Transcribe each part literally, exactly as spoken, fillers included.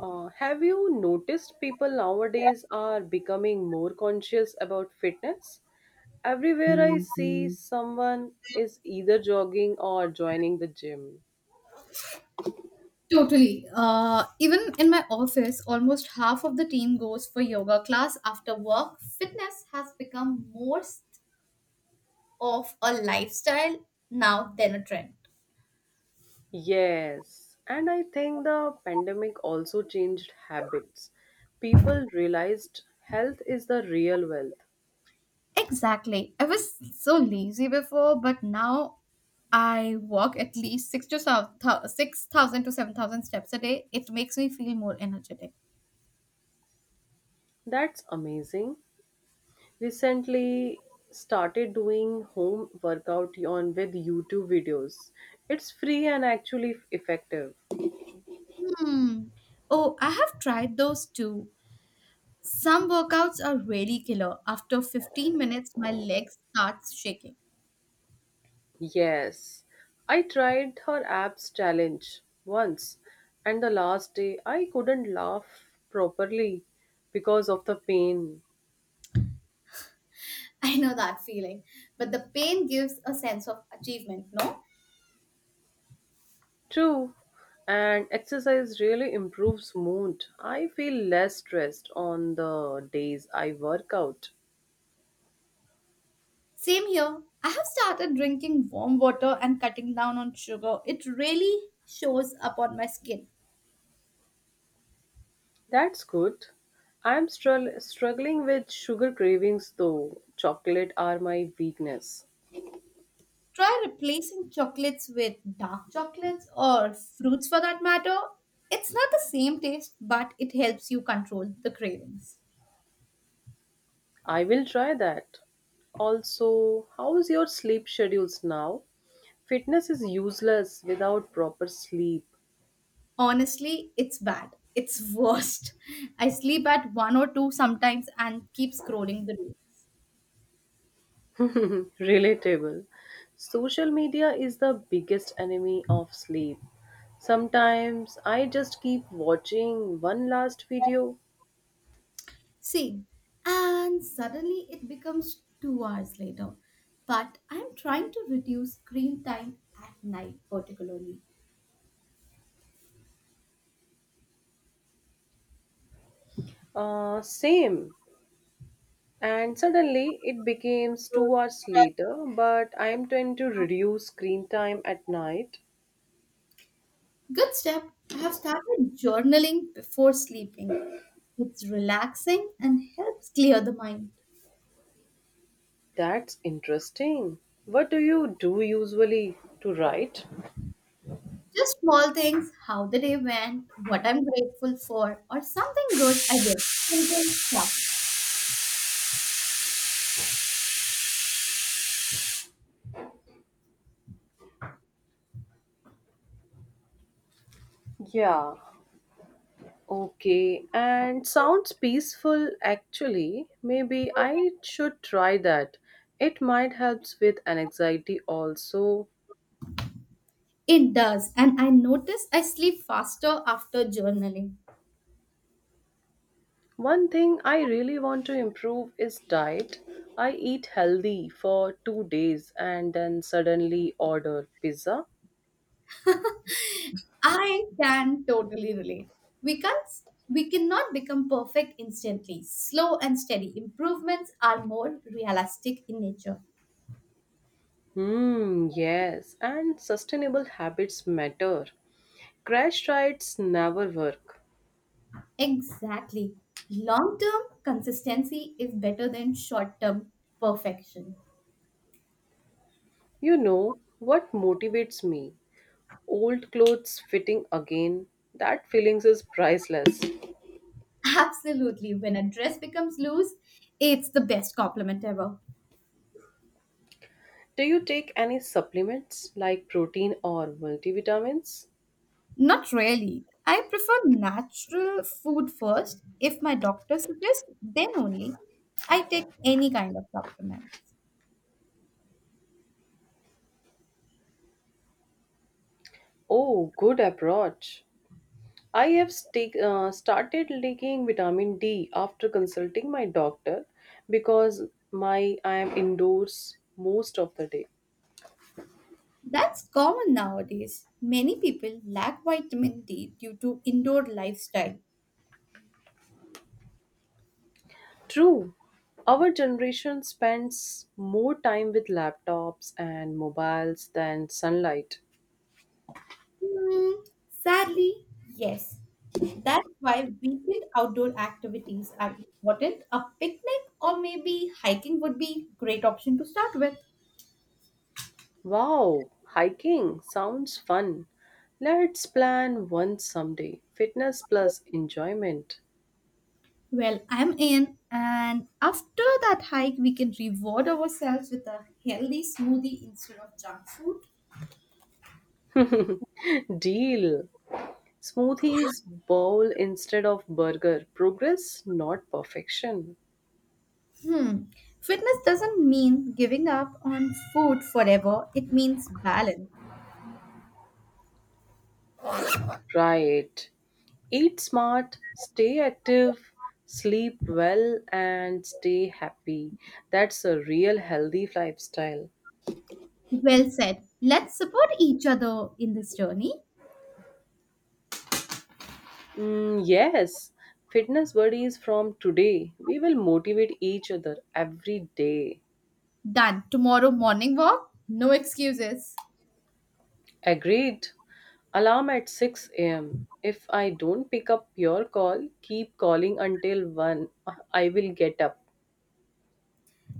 Uh, have you noticed people nowadays are becoming more conscious about fitness? Everywhere I see, Mhm, someone is either jogging or joining the gym. Totally. Uh, even in my office, almost half of the team goes for yoga class after work. Fitness has become more of a lifestyle now than a trend. Yes, and I think the pandemic also changed habits. People realized health is the real wealth. Exactly. I was so lazy before, but now I walk at least six to seven thou- six thousand to seven thousand steps a day. It makes me feel more energetic. That's amazing. Recently, started doing home workout on with YouTube videos. It's free and actually effective. Hmm. Oh, I have tried those too. Some workouts are really killer. After fifteen minutes, my legs starts shaking. Yes, I tried her abs challenge once, and the last day I couldn't laugh properly because of the pain. I know that feeling, but the pain gives a sense of achievement, no? True, and exercise really improves mood. I feel less stressed on the days I work out. Same here. I have started drinking warm water and cutting down on sugar. It really shows up on my skin. That's good. I'm strugg- struggling with sugar cravings though. Chocolate are my weakness. Try replacing chocolates with dark chocolates or fruits for that matter. It's not the same taste, but it helps you control the cravings. I will try that. Also, how's your sleep schedules now? Fitness is useless without proper sleep. Honestly, it's bad. It's worst. I sleep at one or two sometimes and keep scrolling the reels. Relatable. Social media is the biggest enemy of sleep. Sometimes I just keep watching one last video, See, and suddenly it becomes two hours later. But I'm trying to reduce screen time at night, particularly. uh, same, and suddenly it becomes two hours later. But I am trying to reduce screen time at night. Good step. I have started journaling before sleeping. It's relaxing and helps clear the mind. That's interesting. What do you do usually to write? Just small things, how the day went, what I'm grateful for, or something good I did. Simple stuff. Yeah. Okay, and sounds peaceful actually. Maybe I should try that. It might helps with anxiety also. It does, and I notice I sleep faster after journaling. One thing I really want to improve is diet. I eat healthy for two days and then suddenly order pizza. I can totally relate. We can't we cannot become perfect instantly. Slow and steady improvements are more realistic in nature. Hmm, yes, and sustainable habits matter. Crash diets never work. Exactly. Long-term consistency is better than short-term perfection. You know what motivates me? Old clothes fitting again. That feelings is priceless. Absolutely. When a dress becomes loose, it's the best compliment ever. Do you take any supplements like protein or multivitamins? Not really. I prefer natural food first. If my doctor suggests, then only I take any kind of supplement. Oh, good approach. I have sta- uh, started taking vitamin D after consulting my doctor because my I am indoors most of the day. That's common nowadays. Many people lack vitamin D due to indoor lifestyle. True. Our generation spends more time with laptops and mobiles than sunlight. Hmm, sadly, yes. That's why weekend outdoor activities are important. A picnic or maybe hiking would be great option to start with. Wow, hiking sounds fun. Let's plan one someday. Fitness plus enjoyment. Well, I'm in, and after that hike, we can reward ourselves with a healthy smoothie instead of junk food. Deal. Smoothies bowl instead of burger. Progress, not perfection. Hmm. Fitness doesn't mean giving up on food forever, it means balance. Right. Eat smart, stay active, sleep well, and stay happy. That's a real healthy lifestyle. Well said. Let's support each other in this journey. Mm, yes, fitness buddies from today. We will motivate each other every day. Done. Tomorrow morning walk, no excuses. Agreed. Alarm at six a m. If I don't pick up your call, keep calling until one. I will get up.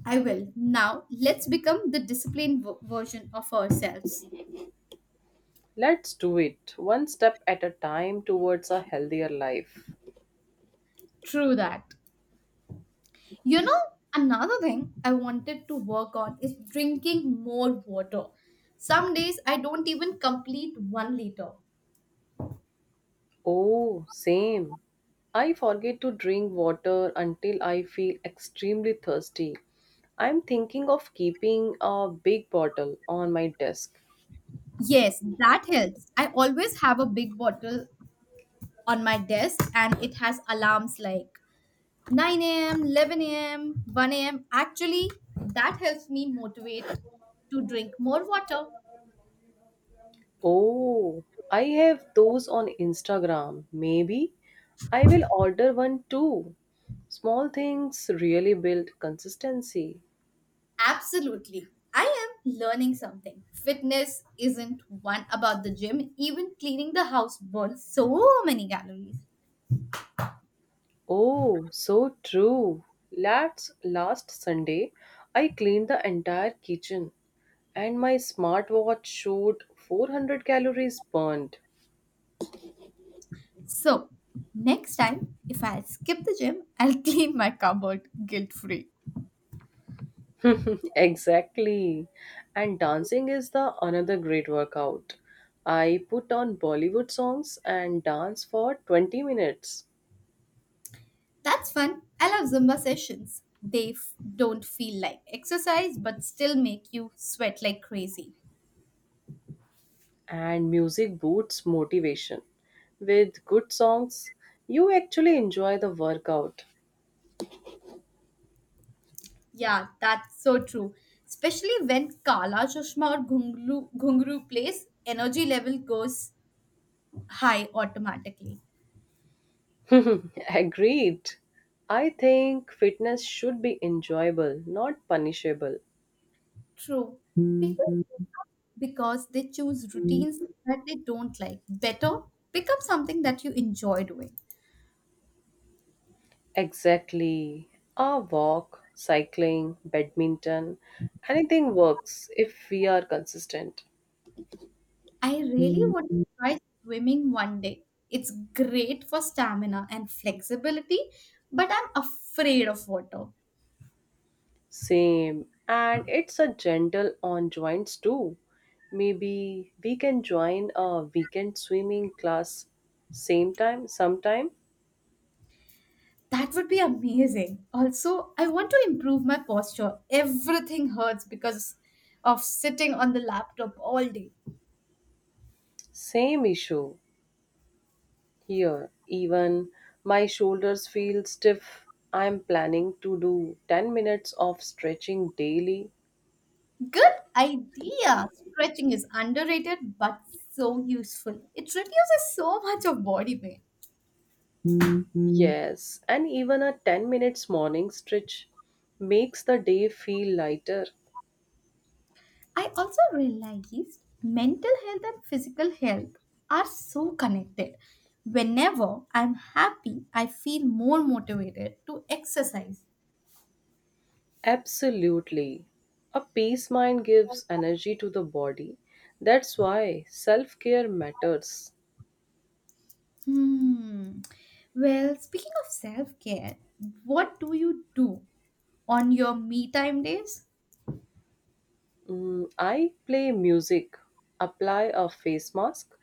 I will. Now, let's become the disciplined v- version of ourselves. Let's do it, one step at a time towards a healthier life. True that. You know, another thing I wanted to work on is drinking more water. Some days I don't even complete one liter. Oh, same. I forget to drink water until I feel extremely thirsty. I'm thinking of keeping a big bottle on my desk. Yes, that helps. I always have a big bottle on my desk and it has alarms like nine a m, eleven a m, one a m. Actually, that helps me motivate to drink more water. Oh, I have those on Instagram. Maybe I will order one too. Small things really build consistency. Absolutely. I am learning something. Fitness isn't one about the gym, even cleaning the house burns so many calories. Oh, so true. Last, last Sunday, I cleaned the entire kitchen and my smartwatch showed four hundred calories burned. So, next time, if I skip the gym, I'll clean my cupboard guilt free. Exactly. And dancing is the another great workout. I put on Bollywood songs and dance for twenty minutes. That's fun. I love Zumba sessions. They f- don't feel like exercise but still make you sweat like crazy. And music boosts motivation. With good songs, you actually enjoy the workout. Yeah, that's so true. Especially when Kala Chashma or Ghungru, Ghungru plays, energy level goes high automatically. Agreed. I think fitness should be enjoyable, not punishable. True. People because they choose routines that they don't like. Better, pick up something that you enjoy doing. Exactly. A walk, cycling, badminton, anything works if we are consistent. I really would try swimming one day. It's great for stamina and flexibility, but I'm afraid of water. Same. And it's a gentle on joints too. Maybe we can join a weekend swimming class same time, sometime. That would be amazing. Also, I want to improve my posture. Everything hurts because of sitting on the laptop all day. Same issue. Here, even my shoulders feel stiff. I'm planning to do ten minutes of stretching daily. Good idea. Stretching is underrated but so useful. It reduces so much of body pain. Yes, and even a ten minutes morning stretch makes the day feel lighter. I also realized mental health and physical health are so connected. Whenever I'm happy, I feel more motivated to exercise. Absolutely. A peace mind gives energy to the body. That's why self care matters. Hmm. Well, speaking of self care, what do you do on your me time days? Mm, I play music, apply a face mask,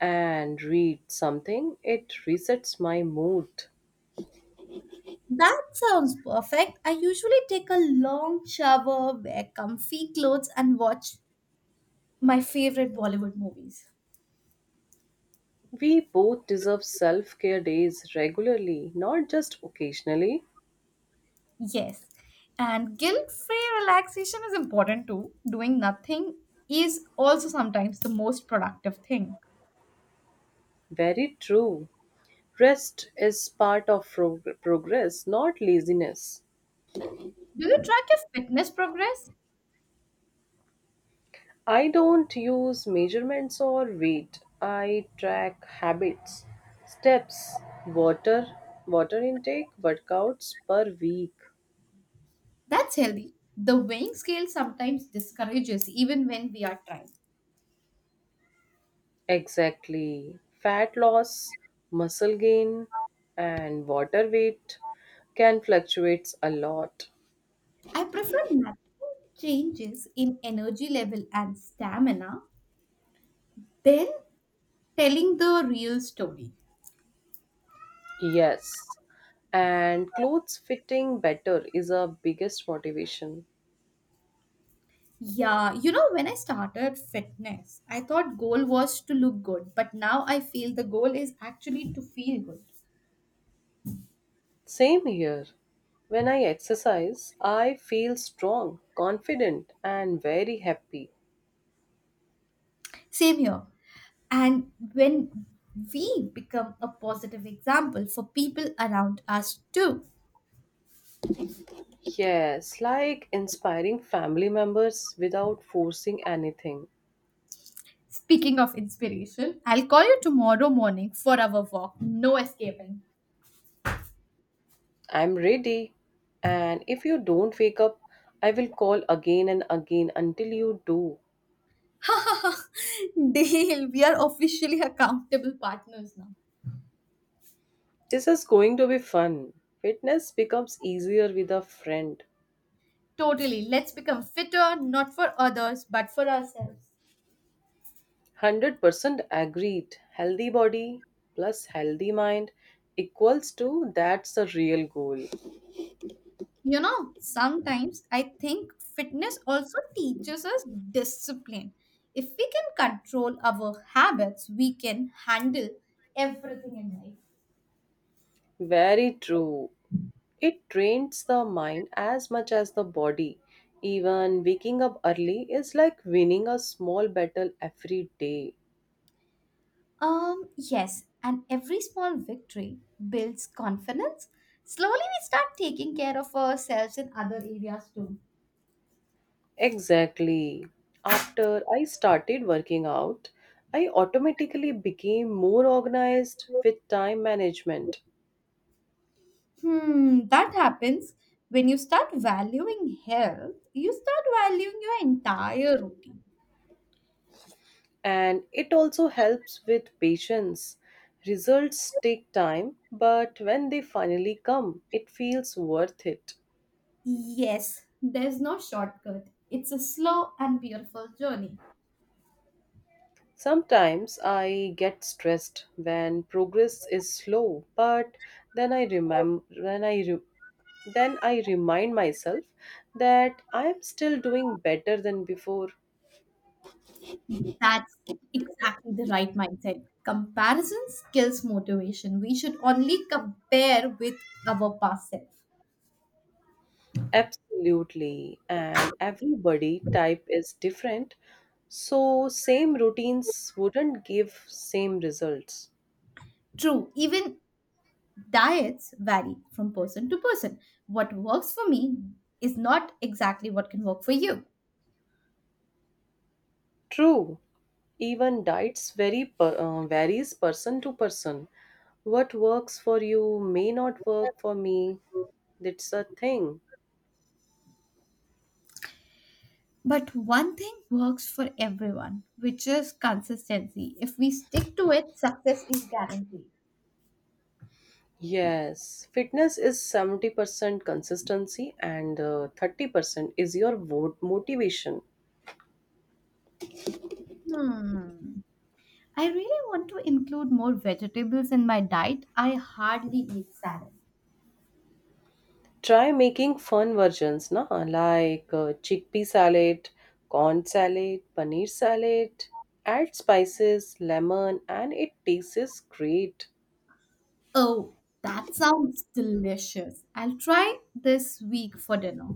and read something. It resets my mood. That sounds perfect. I usually take a long shower, wear comfy clothes, and watch my favorite Bollywood movies. We both deserve self care days regularly, not just occasionally. Yes. And guilt free relaxation is important too. Doing nothing is also sometimes the most productive thing. Very true. Rest is part of prog- progress, not laziness. Do you track your fitness progress? I don't use measurements or weight. I track habits, steps, water, water intake, workouts per week. That's healthy. The weighing scale sometimes discourages even when we are trying. Exactly. Fat loss, muscle gain, and water weight can fluctuate a lot. I prefer nothing changes in energy level and stamina, then telling the real story. Yes. And clothes fitting better is our biggest motivation. Yeah, you know, when I started fitness, I thought goal was to look good, but now I feel the goal is actually to feel good. Same here. When I exercise, I feel strong, confident, and very happy. Same here. And when we become a positive example for people around us too. Yes, like inspiring family members without forcing anything. Speaking of inspiration, I'll call you tomorrow morning for our walk. No escaping. I'm ready. And if you don't wake up, I will call again and again until you do. Dale, we are officially accountable partners now. This is going to be fun. Fitness becomes easier with a friend. Totally. Let's become fitter, not for others, but for ourselves. one hundred percent agreed. Healthy body plus healthy mind equals to that's the real goal. You know, sometimes I think fitness also teaches us discipline. If we can control our habits, we can handle everything in life. Very true. It trains the mind as much as the body. Even waking up early is like winning a small battle every day. Um, yes, and every small victory builds confidence. Slowly, we start taking care of ourselves in other areas too. Exactly. After I started working out, I automatically became more organized with time management. Hmm, that happens when you start valuing health, you start valuing your entire routine. And it also helps with patience. Results take time, but when they finally come, it feels worth it. Yes, there's no shortcut. It's a slow and beautiful journey. Sometimes I get stressed when progress is slow, but then I remember when I re- then I remind myself that I am still doing better than before. That's exactly the right mindset. Comparison kills motivation. We should only compare with our past self. Absolutely, and everybody type is different, so same routines wouldn't give same results. True, even diets vary from person to person. What works for me is not exactly what can work for you. True, even diets vary per, uh, varies person to person. What works for you may not work for me. That's a thing. But one thing works for everyone, which is consistency. If we stick to it, success is guaranteed. Yes, fitness is seventy percent consistency and uh, thirty percent is your vote motivation. Hmm. I really want to include more vegetables in my diet. I hardly eat salad. Try making fun versions, na? Like uh, chickpea salad, corn salad, paneer salad. Add spices, lemon, and it tastes great. Oh, that sounds delicious. I'll try this week for dinner.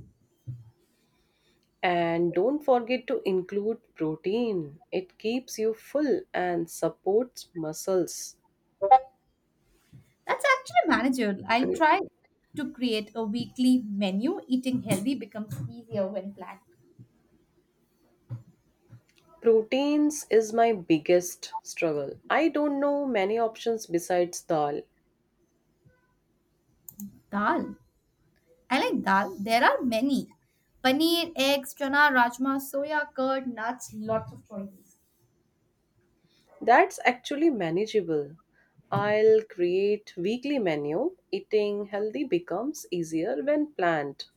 And don't forget to include protein. It keeps you full and supports muscles. That's actually manageable. I'll try to create a weekly menu. Eating healthy becomes easier when planned. Proteins is my biggest struggle. I don't know many options besides dal. Dal. I like dal. There are many. Paneer, eggs, chana, rajma, soya, curd, nuts, lots of choices. That's actually manageable. I'll create weekly menu. Eating healthy becomes easier when planned.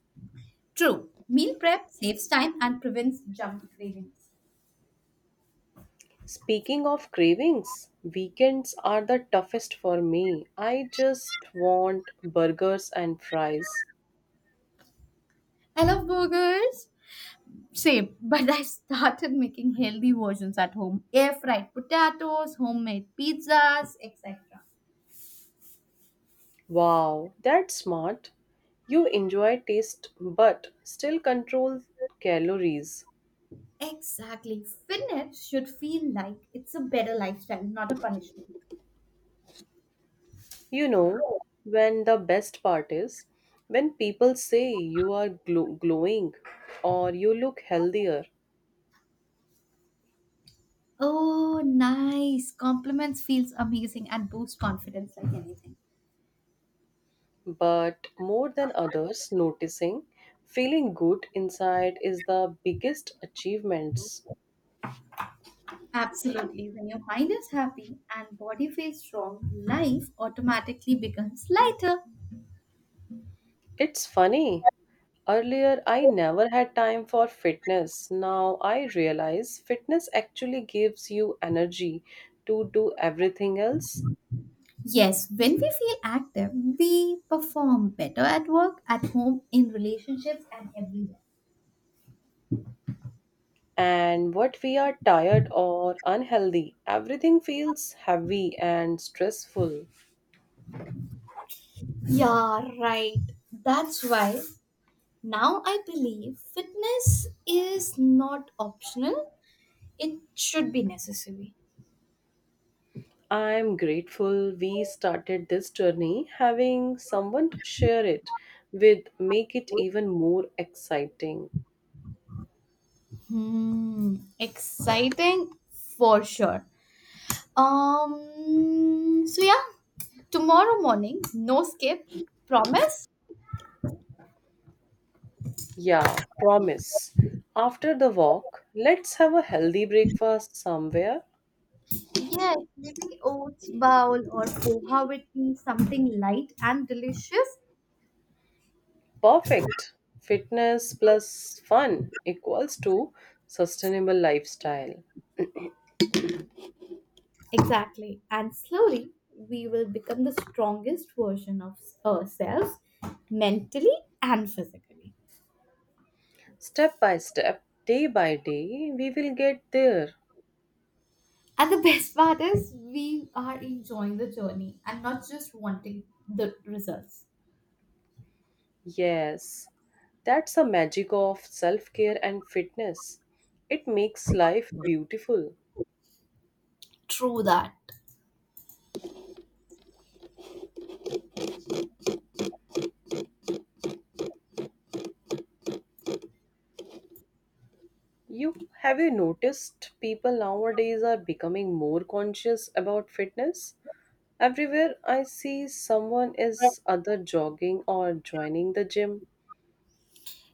True. Meal prep saves time and prevents junk cravings. Speaking of cravings, weekends are the toughest for me. I just want burgers and fries. I love burgers. Same, but I started making healthy versions at home. Air fried potatoes, homemade pizzas, et cetera. Wow, that's smart. You enjoy taste but still control calories. Exactly. Fitness should feel like it's a better lifestyle, not a punishment. You know, when the best part is when people say you are glo- glowing or you look healthier, Oh, nice. Compliments feels amazing and boost confidence like anything. but more than others noticing, feeling good inside is the biggest achievements. Absolutely. When your mind is happy and body feels strong, life automatically becomes lighter. It's funny. Earlier, I never had time for fitness. Now I realize fitness actually gives you energy to do everything else. Yes, when we feel active, we perform better at work, at home, in relationships, and everywhere. And what we are tired or unhealthy, everything feels heavy and stressful. Yeah, right. That's why now I believe fitness is not optional. It should be necessary. I am grateful we started this journey having someone to share it with, make it even more exciting. Hmm, exciting for sure. Um, so yeah, tomorrow morning, no skip, promise. Yeah, promise. After the walk, let's have a healthy breakfast somewhere. Yes, maybe oats bowl or poha with tea, something light and delicious. Perfect. Fitness plus fun equals to sustainable lifestyle. Exactly, and slowly we will become the strongest version of ourselves, mentally and physically. Step by step, day by day, we will get there. And the best part is we are enjoying the journey and not just wanting the results. Yes, that's the magic of self care and fitness. It makes life beautiful. True that. You have you noticed people nowadays are becoming more conscious about fitness? Everywhere I see someone is either jogging or joining the gym.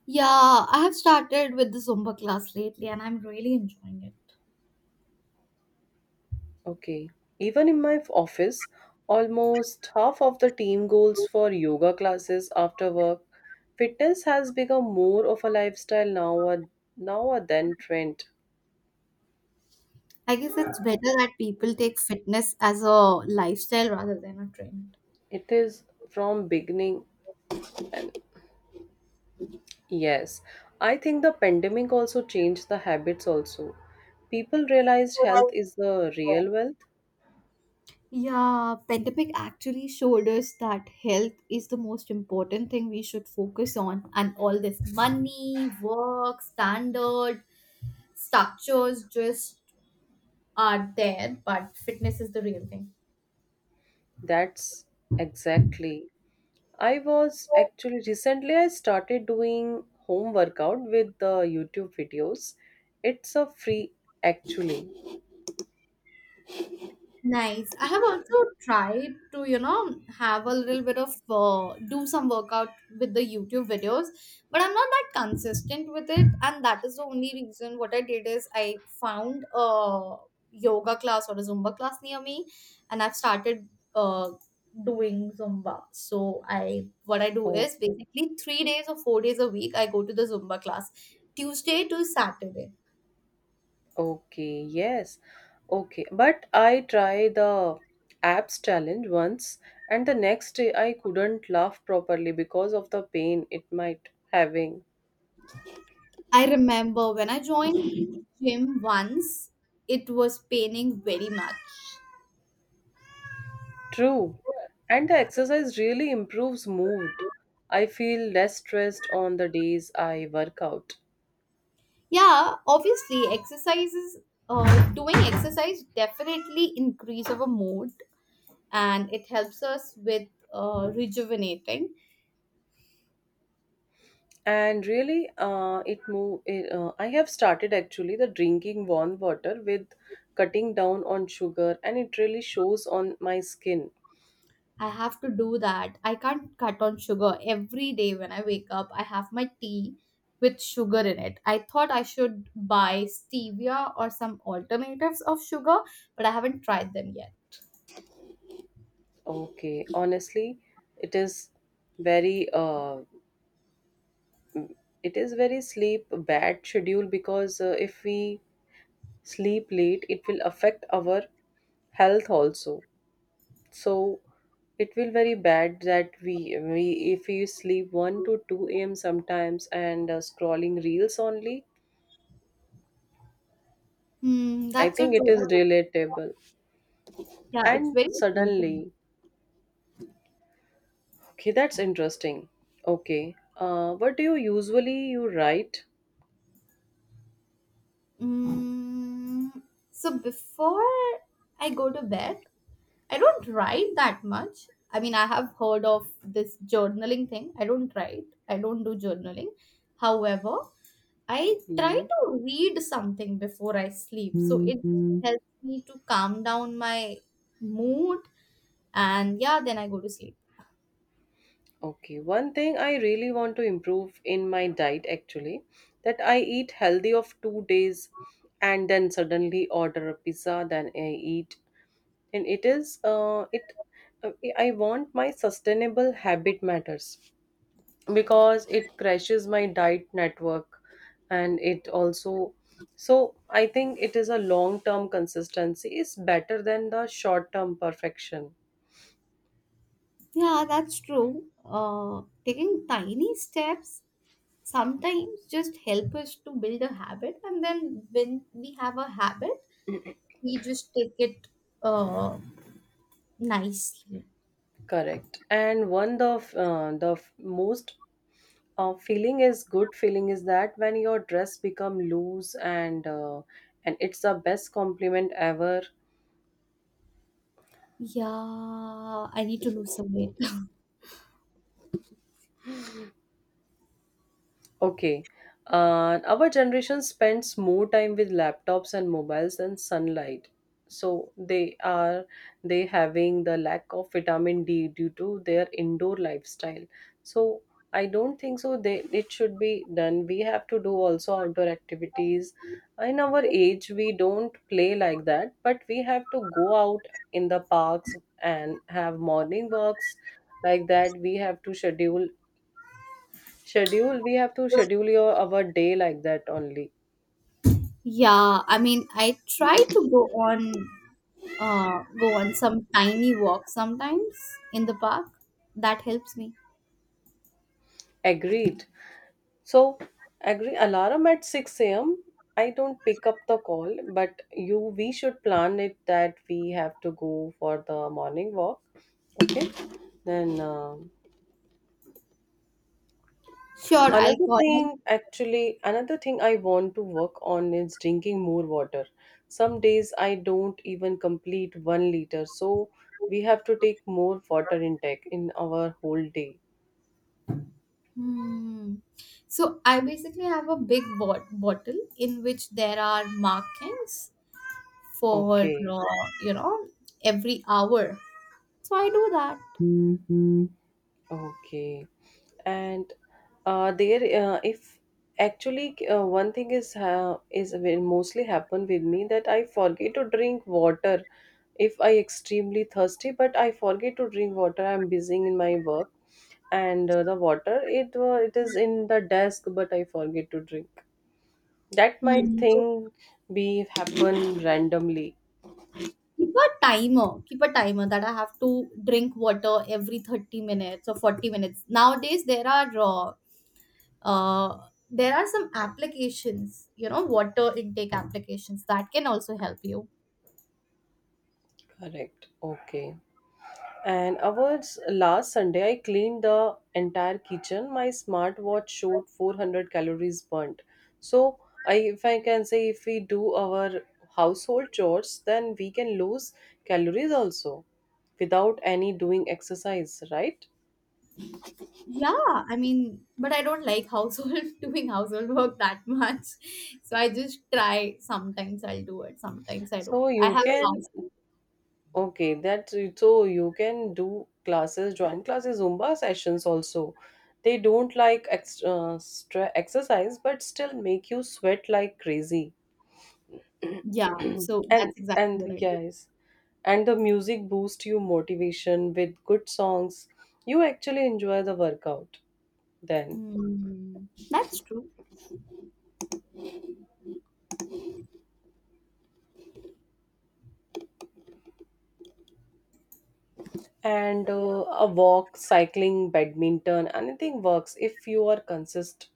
Yeah, I have started with the Zumba class lately and I'm really enjoying it. Okay. Even in my office, almost half of the team goes for yoga classes after work. Fitness has become more of a lifestyle now uh, now uh, than trend. I guess it's better that people take fitness as a lifestyle rather than a trend. It is from beginning, yes. I think the pandemic also changed the habits also. People realized health is the real wealth. Yeah, pandemic actually showed us that health is the most important thing we should focus on, and all this money, work, standard, structures just are there, but fitness is the real thing. That's exactly I was actually recently I started doing home workout with the YouTube videos. It's a free actually. Nice. I have also tried to, you know, have a little bit of uh, do some workout with the YouTube videos, but I'm not that consistent with it, and that is the only reason. What I did is I found a yoga class or a Zumba class near me, and I've started uh doing Zumba. So I what I do Oh, is basically three days or four days a week I go to the Zumba class, Tuesday to Saturday. okay, yes. Okay, but I tried the abs challenge once and the next day I couldn't laugh properly because of the pain it might having. I remember when I joined gym once, it was paining very much. True. And the exercise really improves mood. I feel less stressed on the days I work out. Yeah, obviously, exercises, uh, doing exercise definitely increase our mood and it helps us with uh, rejuvenating. And really uh, it move it, uh, I have started actually the drinking warm water with cutting down on sugar, and it really shows on my skin. I have to do that. I can't cut on sugar every day when I wake up. I have my tea with sugar in it. I thought I should buy stevia or some alternatives of sugar, but I haven't tried them yet. Okay, honestly, it is very uh, it is very sleep bad schedule, because uh, if we sleep late it will affect our health also, so it will very bad that we, we if we sleep one to two a m sometimes and uh, scrolling reels only. Hmm, I that's so think it is true. relatable. Yeah, it's And very related. suddenly, okay, that's interesting. Okay, uh, what do you usually you write? Mm, so before I go to bed, I don't write that much. I mean, I have heard of this journaling thing. I don't write. I don't do journaling. However, I try Hmm. to read something before I sleep. So it helps me to calm down my mood. And yeah, then I go to sleep. Okay, one thing I really want to improve in my diet actually, that I eat healthy of two days, and then suddenly order a pizza, then I eat, and it is uh, it. Uh, I want my sustainable habit matters, because it crashes my diet network and it also, so I think it is a long term consistency is better than the short term perfection. Yeah, that's true. Uh, taking tiny steps sometimes just help us to build a habit, and then when we have a habit, we just take it uh, nicely. Correct, and one the f- uh, the f- most uh, feeling is good feeling is that when your dress become loose and uh, and it's the best compliment ever. Yeah, I need to lose some weight. Okay. Uh, our generation spends more time with laptops and mobiles than sunlight. So they are they having the lack of vitamin D due to their indoor lifestyle. So I don't think so they it should be done. We have to do also outdoor activities. In our age we don't play like that, but we have to go out in the parks and have morning walks like that. We have to schedule schedule we have to schedule your our day like that only. Yeah, I mean, I try to go on uh, go on some tiny walk sometimes in the park. That helps me. Agreed. So agree alarm at six a.m, I don't pick up the call, but you we should plan it that we have to go for the morning walk. Okay, then um Sure, I'll another call thing you. actually another thing I want to work on is drinking more water. Some days I don't even complete one liter, so we have to take more water intake in our whole day. Hmm. So I basically have a big bot- bottle in which there are markings for Okay. uh, you know every hour. So I do that. Okay, and uh, there, uh, if actually uh, one thing is uh, is will mostly happen with me that I forget to drink water if I extremely thirsty, but I forget to drink water. I'm busy in my work, and uh, the water it uh, it is in the desk, but I forget to drink. That might Hmm. So, thing be happen randomly. keep a timer. Keep a timer that I have to drink water every thirty minutes or forty minutes. Nowadays there are uh, uh, there are some applications, you know water intake applications that can also help you. Correct. Okay. And awards last Sunday, I cleaned the entire kitchen. My smartwatch showed four hundred calories burnt. So, I, if I can say, if we do our household chores, then we can lose calories also without any doing exercise, right? Yeah, I mean, but I don't like household doing household work that much. So I just try, sometimes I'll do it, sometimes I don't. So I you have a can house. okay that so you can do classes, join classes, Zumba sessions also. They don't like extra, extra exercise, but still make you sweat like crazy. Yeah, so and that's exactly and what I do. yes, and the music boosts you motivation with good songs, you actually enjoy the workout then. Hmm. That's true. And uh, a walk, cycling, badminton, anything works if you are consist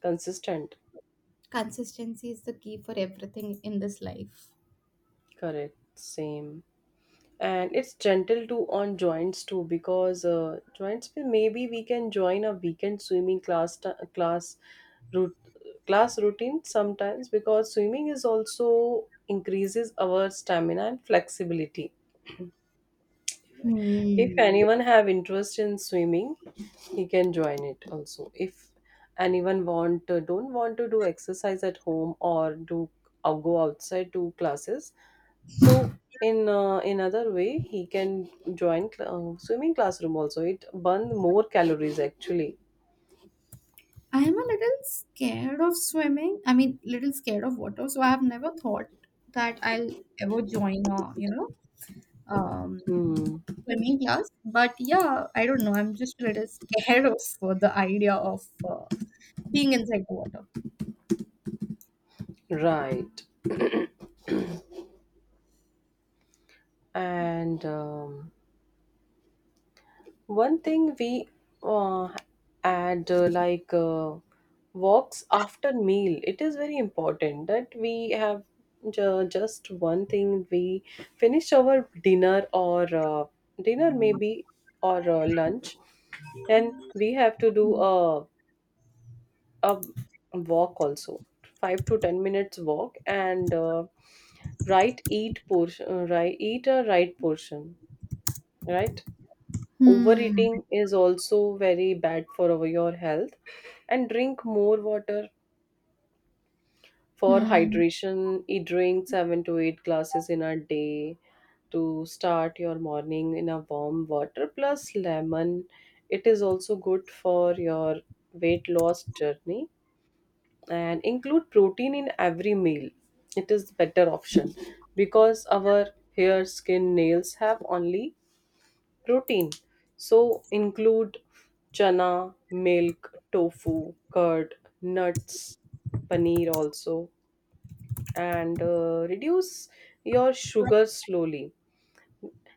consistent. Consistency is the key for everything in this life. Correct. Same. And it's gentle too on joints too because uh, joints pe maybe we can join a weekend swimming class t- class route class routine sometimes because swimming is also increases our stamina and flexibility. If Hmm. anyone have interest in swimming, he can join it also. If anyone want uh, don't want to do exercise at home or do or go outside to classes, so in uh, in way, he can join cl- uh, swimming classroom also. It burn more calories actually. I am a little scared of swimming. I mean, little scared of water. So I have never thought that I'll ever join a, you know, um, Hmm. swimming class. But yeah, I don't know. I'm just a little scared of uh, the idea of uh, being inside the water. Right. And um, one thing we uh, add uh, like uh, walks after meal. It is very important that we have ju- just one thing. We finish our dinner or uh, dinner maybe or uh, lunch, and we have to do a a walk also, five to ten minutes walk. And uh, right eat portion uh, right eat a right portion, right. Hmm. Overeating is also very bad for our, your health, and drink more water for Hmm. hydration. Eat drink seven to eight glasses in a day. To start your morning in a warm water plus lemon, it is also good for your weight loss journey. And include protein in every meal, it is better option because our hair, skin, nails have only protein. So include chana, milk, tofu, curd, nuts, paneer also. And uh, reduce your sugar slowly.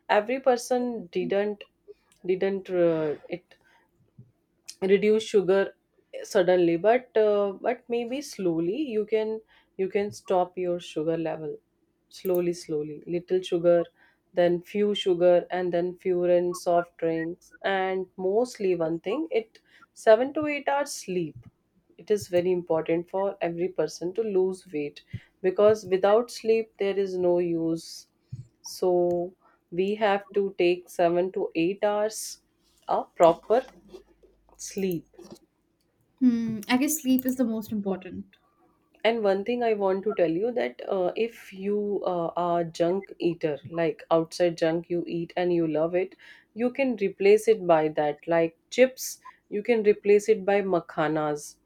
Every person didn't didn't uh, it reduce sugar suddenly, but uh, but maybe slowly you can, you can stop your sugar level slowly slowly, little sugar then few sugar and then few in soft drinks. And mostly one thing, it seven to eight hours sleep, it is very important for every person to lose weight because without sleep there is no use. So we have to take seven to eight hours a proper sleep. Hmm. I guess sleep is the most important. And one thing I want to tell you that uh, if you uh, are junk eater, like outside junk you eat and you love it, you can replace it by that. Like chips, you can replace it by makhanas.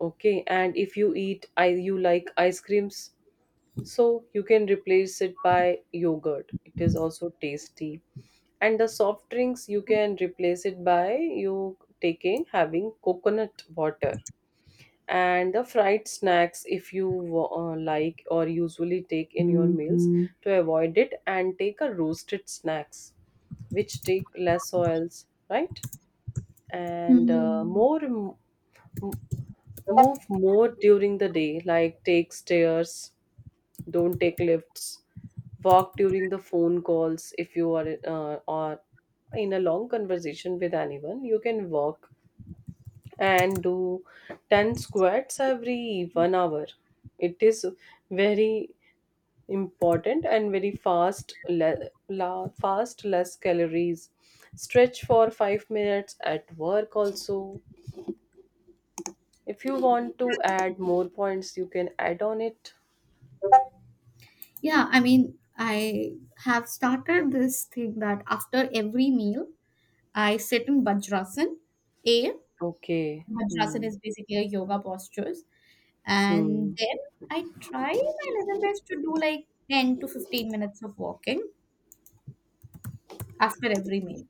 Okay, and if you eat, I you like ice creams, so you can replace it by yogurt. It is also tasty. And the soft drinks you can replace it by you taking having coconut water. And the fried snacks, if you uh, like or usually take in your meals, to avoid it and take a roasted snacks which take less oils, right. And uh, Hmm. more m- m- move more during the day, like take stairs, don't take lifts, walk during the phone calls if you are uh, or in a long conversation with anyone, you can walk. And do ten squats every one hour. It is very important and very fast, le- la- fast, less calories. Stretch for five minutes at work also. If you want to add more points, you can add on it. Yeah, I mean, I have started this thing that after every meal, I sit in Vajrasan, a Okay. Vajrasana Hmm. is basically a yoga postures. And Hmm. then I try my level best to do like ten to fifteen minutes of walking after every meal.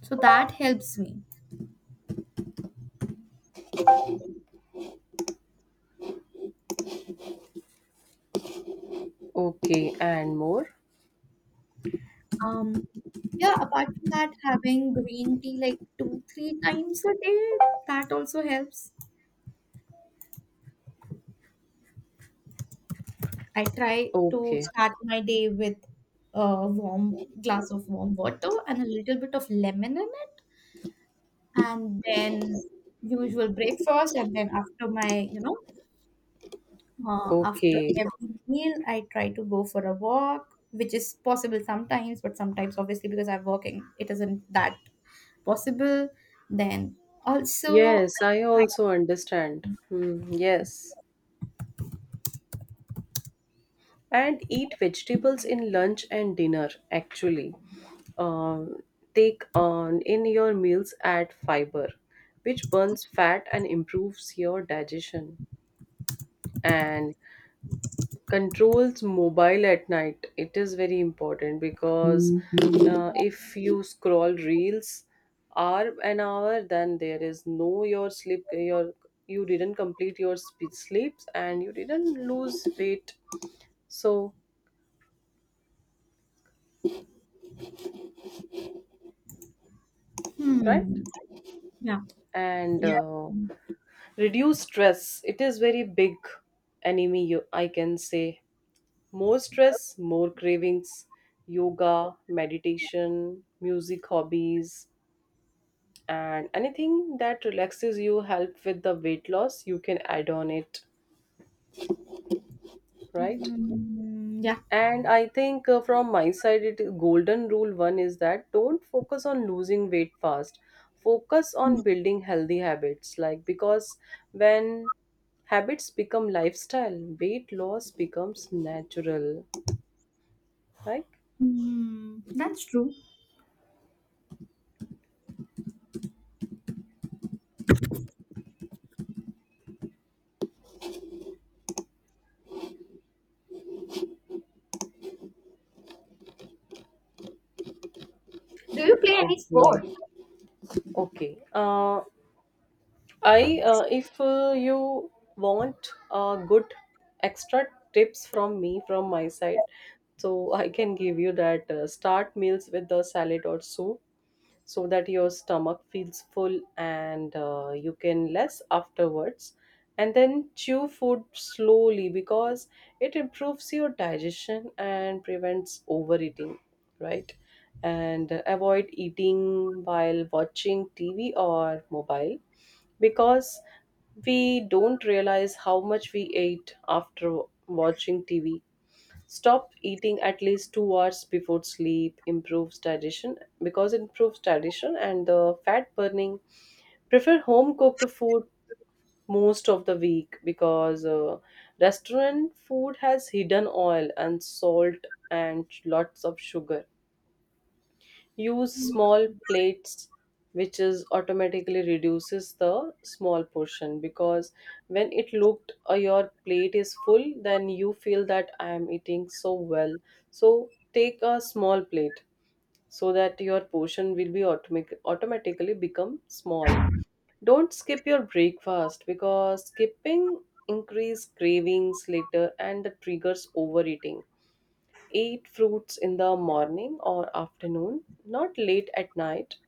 So that helps me. Okay. And more. Um, yeah, apart from that, having green tea like two, three times a day, that also helps. I try to Okay. start my day with a warm glass of warm water and a little bit of lemon in it, and then usual breakfast, and then after my, you know, uh, after Okay. every meal, I try to go for a walk, which is possible sometimes, but sometimes, obviously, because I'm working, it isn't that possible. Then also, Yes, I I, also understand. Hmm. Yes. And eat vegetables in lunch and dinner actually. Um, Take on in your meals, add fiber which burns fat and improves your digestion. And controls mobile at night, it is very important because uh, if you scroll reels hour an hour, then there is no your sleep, your, you didn't complete your spe- sleeps and you didn't lose weight. So right. hmm, yeah, And yeah, uh, reduce stress, it is very big enemy, you I can say. More stress, more cravings. Yoga, meditation, music, hobbies, and anything that relaxes you help with the weight loss, you can add on it, right. mm, yeah, And I think uh, from my side, it golden rule one is that don't focus on losing weight fast. Focus on building healthy habits. Like because when habits become lifestyle, weight loss becomes natural. Like mm, that's true. Do you play any sport? okay, okay. Uh, I uh, if uh, you want uh, good extra tips from me from my side, so I can give you that uh, start meals with the salad or soup so that your stomach feels full and uh, you can less afterwards. And then chew food slowly because it improves your digestion and prevents overeating, right. And uh, avoid eating while watching TV or mobile because we don't realize how much we ate after watching TV. Stop eating at least two hours before sleep improves digestion, because it improves digestion and the fat burning. Prefer home cooked food most of the week because uh, restaurant food has hidden oil and salt and lots of sugar. Use small plates, which is automatically reduces the small portion because when it looked uh, your plate is full, then you feel that I am eating so well. So take a small plate so that your portion will be automatic automatically become small. Don't skip your breakfast because skipping increase cravings later and the triggers overeating. Eat fruits in the morning or afternoon, not late at night.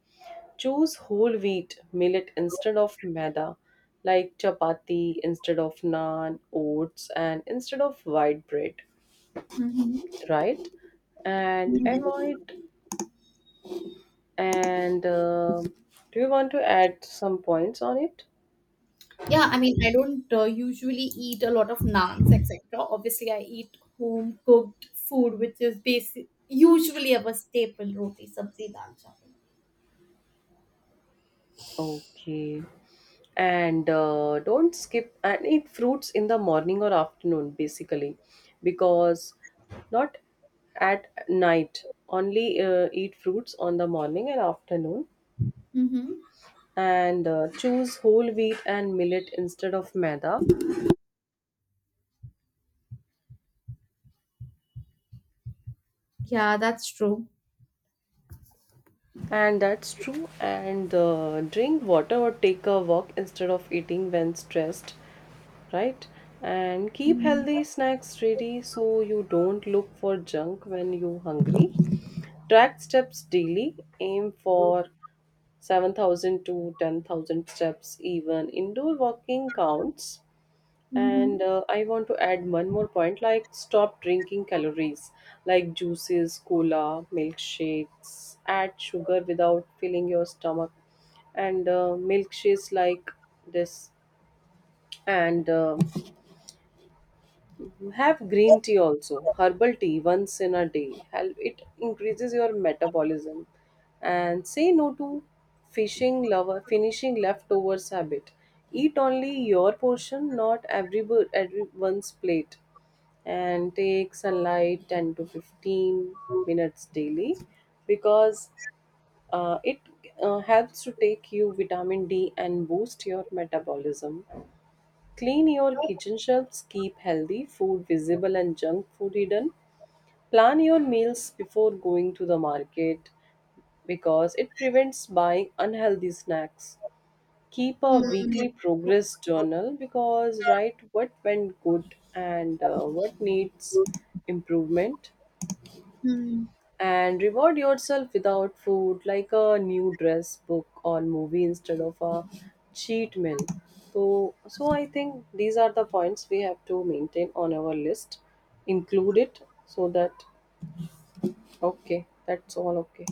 Choose whole wheat millet instead of maida, like chapati instead of naan, oats, and instead of white bread, Mm-hmm. right? And Mm-hmm. avoid. And uh, do you want to add some points on it? Yeah, I mean, I don't uh, usually eat a lot of naans, et cetera. Obviously, I eat home cooked food, which is basic, usually our staple roti, sabzi, dal, chawal. Okay. And uh, don't skip and eat fruits in the morning or afternoon, basically, because not at night. Only uh, eat fruits on the morning and afternoon, Mm-hmm. and uh, choose whole wheat and millet instead of maida. Yeah, that's true. And that's true. And uh, drink water or take a walk instead of eating when stressed, right? And keep healthy Mm-hmm. snacks ready so you don't look for junk when you're hungry. Track steps daily, aim for seven thousand to ten thousand steps, even indoor walking counts. And Mm-hmm. uh, I want to add one more point, like stop drinking calories like juices, cola, milkshakes, add sugar without filling your stomach. And uh, milkshakes like this, and uh, have green tea also, herbal tea once in a day. Help it increases your metabolism. And say no to fishing lover finishing leftovers habit. Eat only your portion, not every bo- everyone's plate. And take sunlight ten to fifteen minutes daily because uh, it uh, helps to take you vitamin D and boost your metabolism. Clean your kitchen shelves, keep healthy food visible and junk food hidden. Plan your meals before going to the market because it prevents buying unhealthy snacks. Keep a weekly progress journal because write what went good and uh, what needs improvement. Mm-hmm. And reward yourself without food, like a new dress, book or movie instead of a cheat meal. So so I think these are the points we have to maintain on our list, include it so that okay that's all okay.